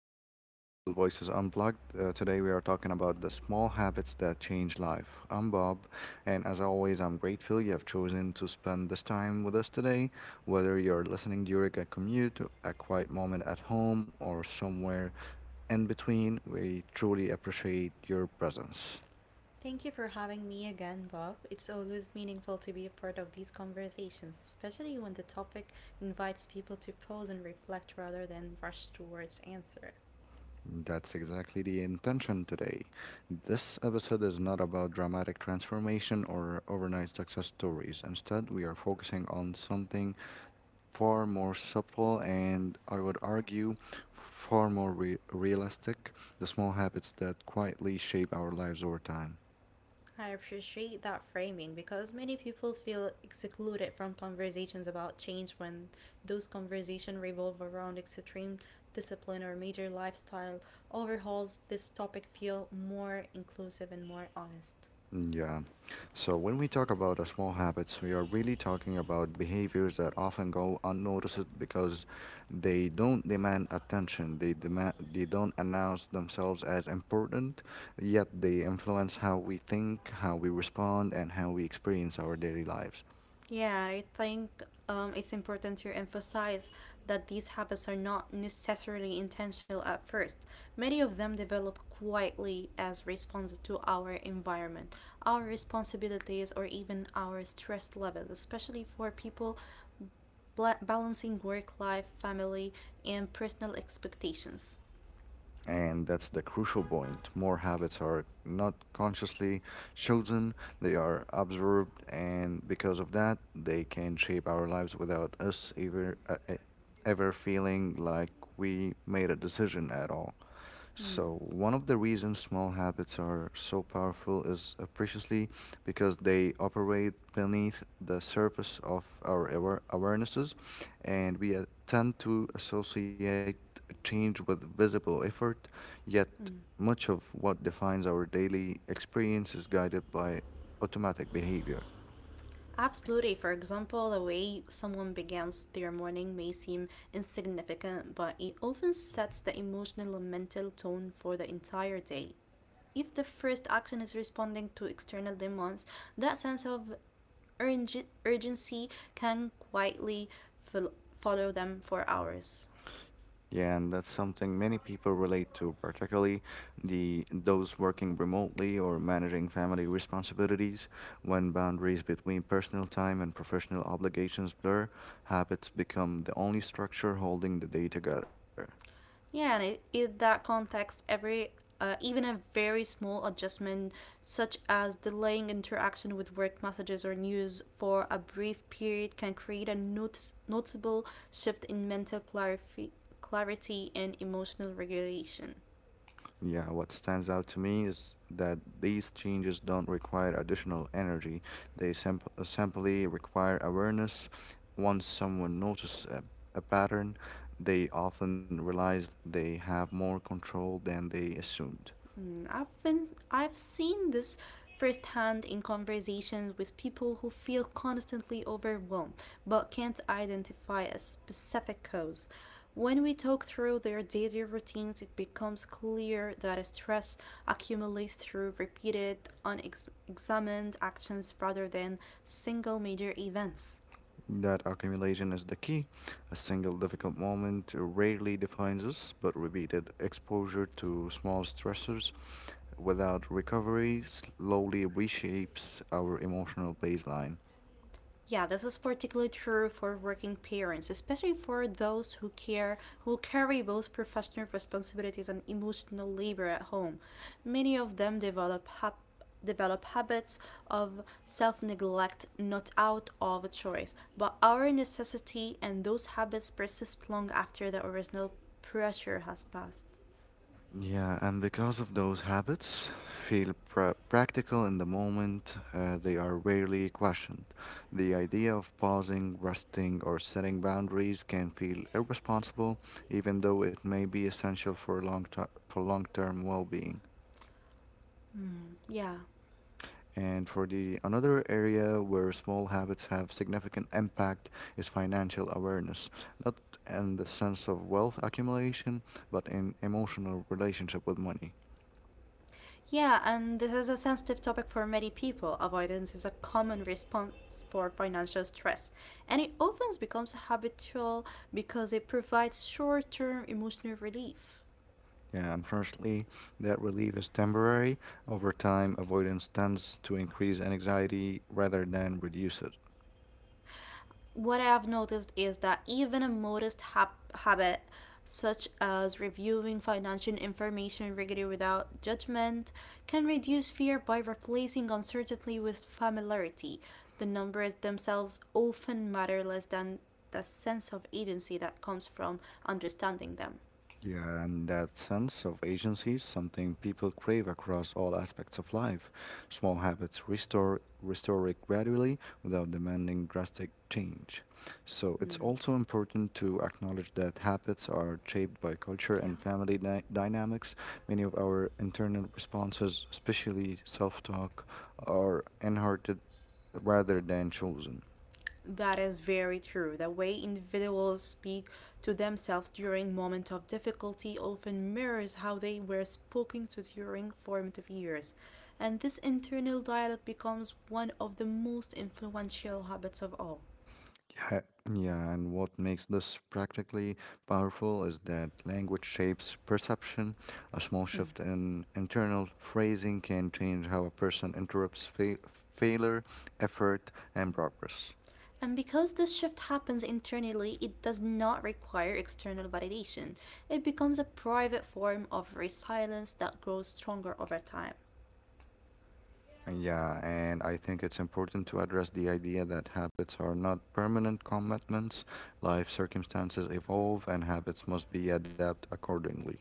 to Global Voices Unplugged. Today, we are talking about the small habits that change life. I'm Bob, and as always, I'm grateful you have chosen to spend this time with us today. Whether you're listening during a commute, a quiet moment at home, or somewhere in between, we truly appreciate your presence. Thank you for having me again, Bob. It's always meaningful to be a part of these conversations, especially when the topic invites people to pause and reflect rather than rush towards answer. That's exactly the intention today. This episode is not about dramatic transformation or overnight success stories. Instead, we are focusing on something far more subtle and, I would argue, far more realistic, the small habits that quietly shape our lives over time. I appreciate that framing because many people feel excluded from conversations about change when those conversations revolve around extreme discipline or major lifestyle overhauls. This topic feel more inclusive and more honest. Yeah. So when we talk about small habits, we are really talking about behaviors that often go unnoticed because they don't demand attention. They don't announce themselves as important, yet they influence how we think, how we respond, and how we experience our daily lives. Yeah, I think it's important to emphasize that these habits are not necessarily intentional at first. Many of them develop quietly as responses to our environment, our responsibilities, or even our stress levels, especially for people balancing work life, family, and personal expectations. And that's the crucial point. More habits are not consciously chosen, they are observed, and because of that, they can shape our lives without us ever feeling like we made a decision at all. Mm. So, one of the reasons small habits are so powerful is preciously because they operate beneath the surface of our awarenesses, and we tend to associate change with visible effort, yet, much of what defines our daily experience is guided by automatic behavior. Absolutely. For example, the way someone begins their morning may seem insignificant, but it often sets the emotional and mental tone for the entire day. If the first action is responding to external demands, that sense of urgency can quietly follow them for hours. Yeah, and that's something many people relate to, particularly the those working remotely or managing family responsibilities. When boundaries between personal time and professional obligations blur, habits become the only structure holding the day together. Yeah, and I in that context, every even a very small adjustment, such as delaying interaction with work messages or news for a brief period, can create a noticeable shift in mental clarity and emotional regulation. Yeah, what stands out to me is that these changes don't require additional energy. They simply require awareness. Once someone notices a pattern, they often realize they have more control than they assumed. Mm, I've seen this firsthand in conversations with people who feel constantly overwhelmed but can't identify a specific cause. When we talk through their daily routines, it becomes clear that stress accumulates through repeated, unexamined actions rather than single major events. That accumulation is the key. A single difficult moment rarely defines us, but repeated exposure to small stressors without recovery slowly reshapes our emotional baseline. Yeah, this is particularly true for working parents, especially for those who carry both professional responsibilities and emotional labor at home. Many of them develop habits of self-neglect not out of choice, but our necessity, and those habits persist long after the original pressure has passed. Yeah, and because of those habits, feel practical in the moment, they are rarely questioned. The idea of pausing, resting, or setting boundaries can feel irresponsible, even though it may be essential for long-term well-being. Mm, yeah. And for the another area where small habits have significant impact is financial awareness, not in the sense of wealth accumulation, but in emotional relationship with money. Yeah, and this is a sensitive topic for many people. Avoidance is a common response for financial stress, and it often becomes habitual because it provides short term emotional relief. Yeah, unfortunately, that relief is temporary. Over time, avoidance tends to increase anxiety rather than reduce it. What I've noticed is that even a modest habit, such as reviewing financial information regularly without judgment, can reduce fear by replacing uncertainty with familiarity. The numbers themselves often matter less than the sense of agency that comes from understanding them. Yeah, and that sense of agency is something people crave across all aspects of life. Small habits restore it gradually without demanding drastic change. So it's Mm, also important to acknowledge that habits are shaped by culture yeah. and family dynamics. Many of our internal responses, especially self-talk, are inherited rather than chosen. That is very true. The way individuals speak to themselves during moments of difficulty often mirrors how they were spoken to during formative years. And this internal dialogue becomes one of the most influential habits of all. Yeah, yeah, and what makes this practically powerful is that language shapes perception. A small Mm. shift in internal phrasing can change how a person interprets failure, effort, and progress. And because this shift happens internally, it does not require external validation. It becomes a private form of resilience that grows stronger over time. And Yeah, and I think it's important to address the idea that habits are not permanent commitments. Life circumstances evolve, and habits must be adapted accordingly.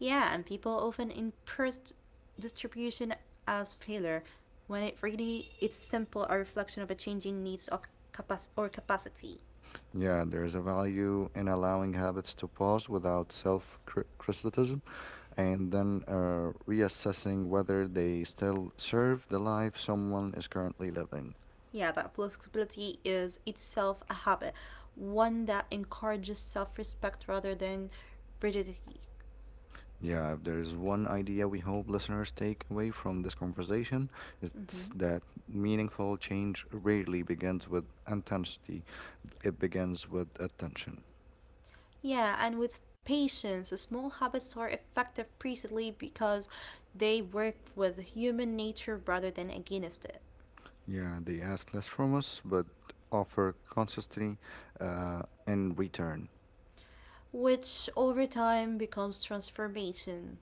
Yeah, and people often interpret distribution as failure when it really it's simple a reflection of a changing needs of capac- or capacity. Yeah, there is a value in allowing habits to pause without self criticism and then reassessing whether they still serve the life someone is currently living. Yeah, that flexibility is itself a habit, one that encourages self-respect rather than rigidity. Yeah, if there's one idea we hope listeners take away from this conversation, it's Hmm. that meaningful change rarely begins with intensity, it begins with attention. Yeah, and with patience, small habits are effective precisely because they work with human nature rather than against it, Yeah, they ask less from us, but offer consistency uh, in return. which over time becomes transformation.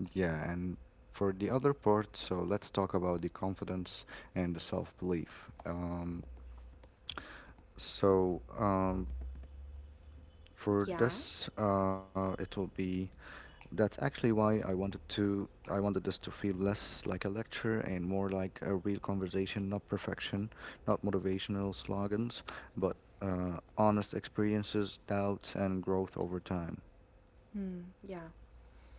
Yeah, and for the other part, so let's talk about the confidence and the self belief. So, for Yeah. this, it will be That's actually why I wanted this to feel less like a lecture and more like a real conversation, not perfection, not motivational slogans, but honest experiences, doubts, and growth over time. Hmm. Yeah.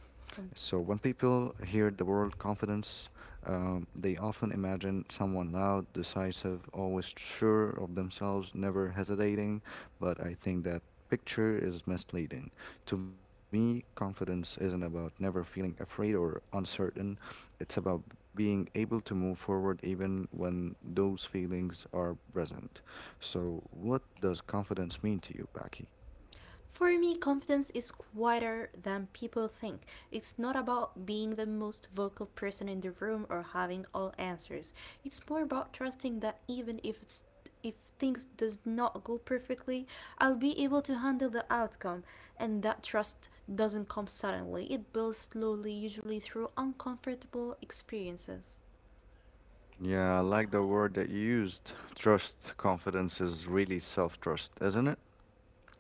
So, Um, when people hear the word confidence, they often imagine someone loud, decisive, always sure of themselves, never hesitating. But I think that picture is misleading. To me, confidence isn't about never feeling afraid or uncertain, it's about being able to move forward even when those feelings are present. So, what does confidence mean to you, Becky? For me, confidence is quieter than people think. It's not about being the most vocal person in the room or having all answers. It's more about trusting that even if it's if things does not go perfectly, I'll be able to handle the outcome. And that trust doesn't come suddenly. It builds slowly, usually through uncomfortable experiences. Yeah, I like the word that you used. Trust, confidence is really self trust, isn't it?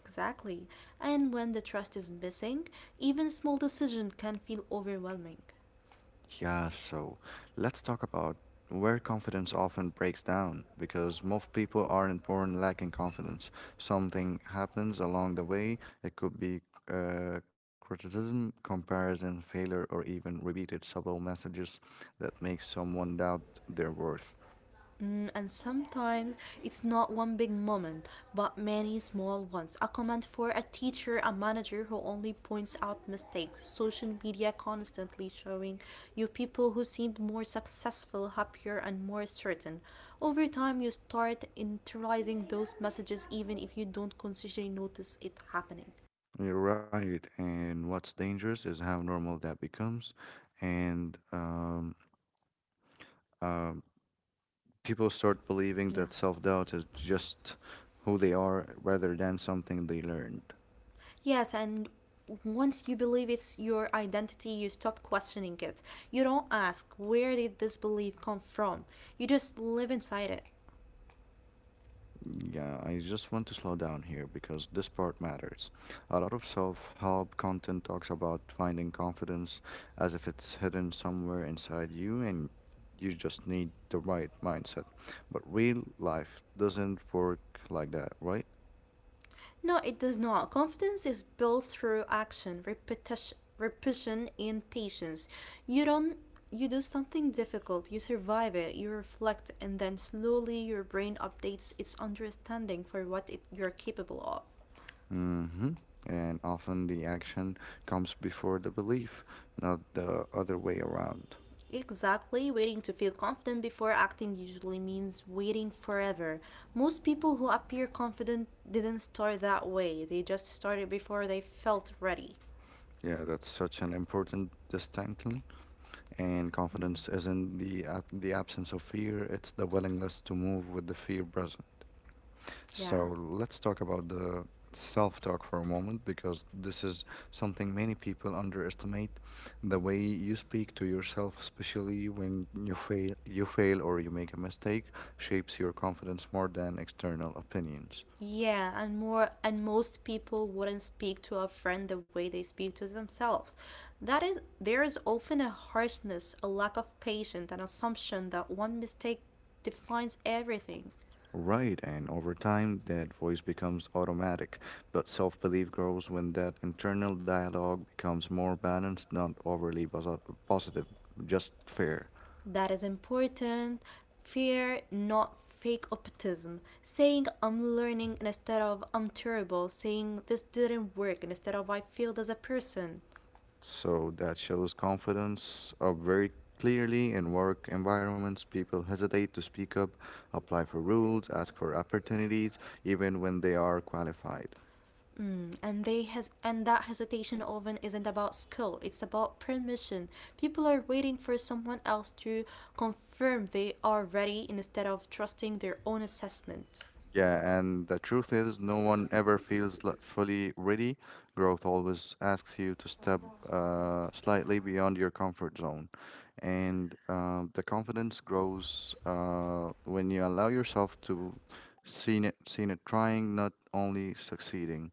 Exactly. And when the trust is missing, even small decisions can feel overwhelming. Yeah, so let's talk about where confidence often breaks down because most people aren't born lacking confidence. Something happens along the way. It could be criticism, comparison, failure, or even repeated subtle messages that make someone doubt their worth. Mm, and sometimes it's not one big moment, but many small ones. A comment for a teacher, a manager who only points out mistakes, social media constantly showing you people who seemed more successful, happier, and more certain. Over time, you start internalizing those messages even if you don't consciously notice it happening. You're right. And what's dangerous is how normal that becomes. And um, People start believing Yeah. that self doubt is just who they are rather than something they learned. Yes, and once you believe it's your identity, you stop questioning it. You don't ask, where did this belief come from? You just live inside it. Yeah, I just want to slow down here because this part matters. A lot of self help content talks about finding confidence as if it's hidden somewhere inside you and you just need the right mindset. But real life doesn't work like that, right? No, it does not. Confidence is built through action, repetition, repetition and patience. You don't you do something difficult, you survive it, you reflect, and then slowly your brain updates its understanding for what it, you're capable of. Mm-hmm. And often the action comes before the belief, not the other way around. Exactly, waiting to feel confident before acting usually means waiting forever. Most people who appear confident didn't start that way. They just started before they felt ready. Yeah, that's such an important distinction. And confidence isn't the the absence of fear; it's the willingness to move with the fear present. So Yeah. let's talk about the self-talk for a moment, because this is something many people underestimate. The way you speak to yourself, especially when you fail or you make a mistake, shapes your confidence more than external opinions. Yeah, and more and most people wouldn't speak to a friend the way they speak to themselves. That is there is often a harshness, a lack of patience, an assumption that one mistake defines everything. Right, and over time, that voice becomes automatic, but self belief grows when that internal dialogue becomes more balanced, not positive, just fair. That is important. Fear, not fake optimism. Saying I'm learning instead of I'm terrible. Saying this didn't work instead of I failed as a person. So that shows confidence up very clearly in work environments. People hesitate to speak up, apply for rules, ask for opportunities, even when they are qualified. Mm, and they has and that hesitation often isn't about skill. It's about permission. People are waiting for someone else to confirm they are ready instead of trusting their own assessment. Yeah, and the truth is, no one ever feels fully ready. Growth always asks you to step slightly beyond your comfort zone. And the confidence grows when you allow yourself to seen it trying, not only succeeding.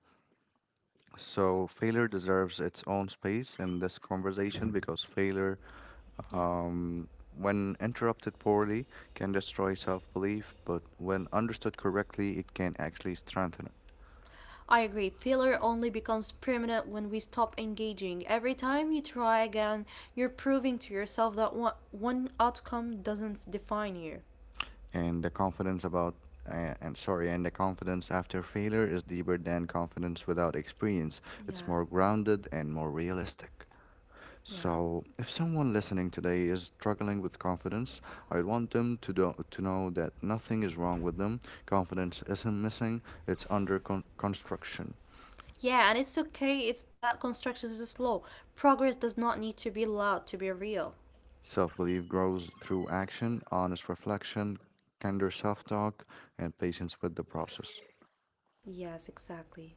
So failure deserves its own space in this conversation because failure Yeah. um, when interrupted poorly, can destroy self belief, but when understood correctly, it can actually strengthen it. I agree. Failure only becomes permanent when we stop engaging. Every time you try again, you're proving to yourself that one outcome doesn't define you. And the confidence about and the confidence after failure is deeper than confidence without experience. It's Yeah, more grounded and more realistic. yeah. So, if someone listening today is struggling with confidence, I want them to know that nothing is wrong with them. Confidence isn't missing; it's under construction. Yeah, and it's okay if that construction is slow. Progress does not need to be loud to be real. Self belief grows through action, honest reflection, kinder self talk, and patience with the process. Yes, exactly.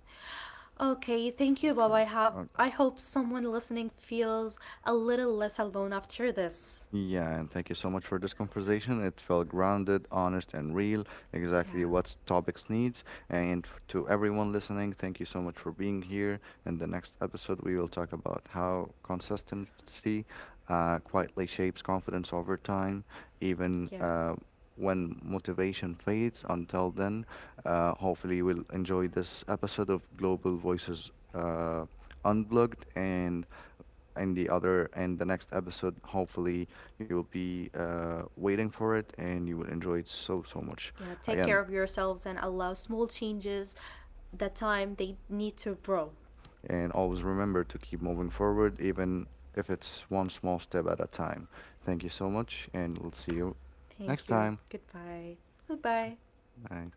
Okay, thank you, Bob. I have Okay. I hope someone listening feels a little less alone after this. Yeah, and thank you so much for this conversation. It felt grounded, honest, and real, exactly Yeah. what topics needs. And to everyone listening, thank you so much for being here. In the next episode, we will talk about how consistency quietly shapes confidence over time, even Yeah. When motivation fades. Until then, hopefully, you will enjoy this episode of Global Voices Unplugged and the other. And the next episode, hopefully, you will be waiting for it and you will enjoy it so, so much. Yeah, take care Again, of yourselves and allow small changes the time they need to grow. and always remember to keep moving forward, even if it's one small step at a time. Thank you so much, and we'll see you next Thank you. time. Goodbye. Goodbye. Bye.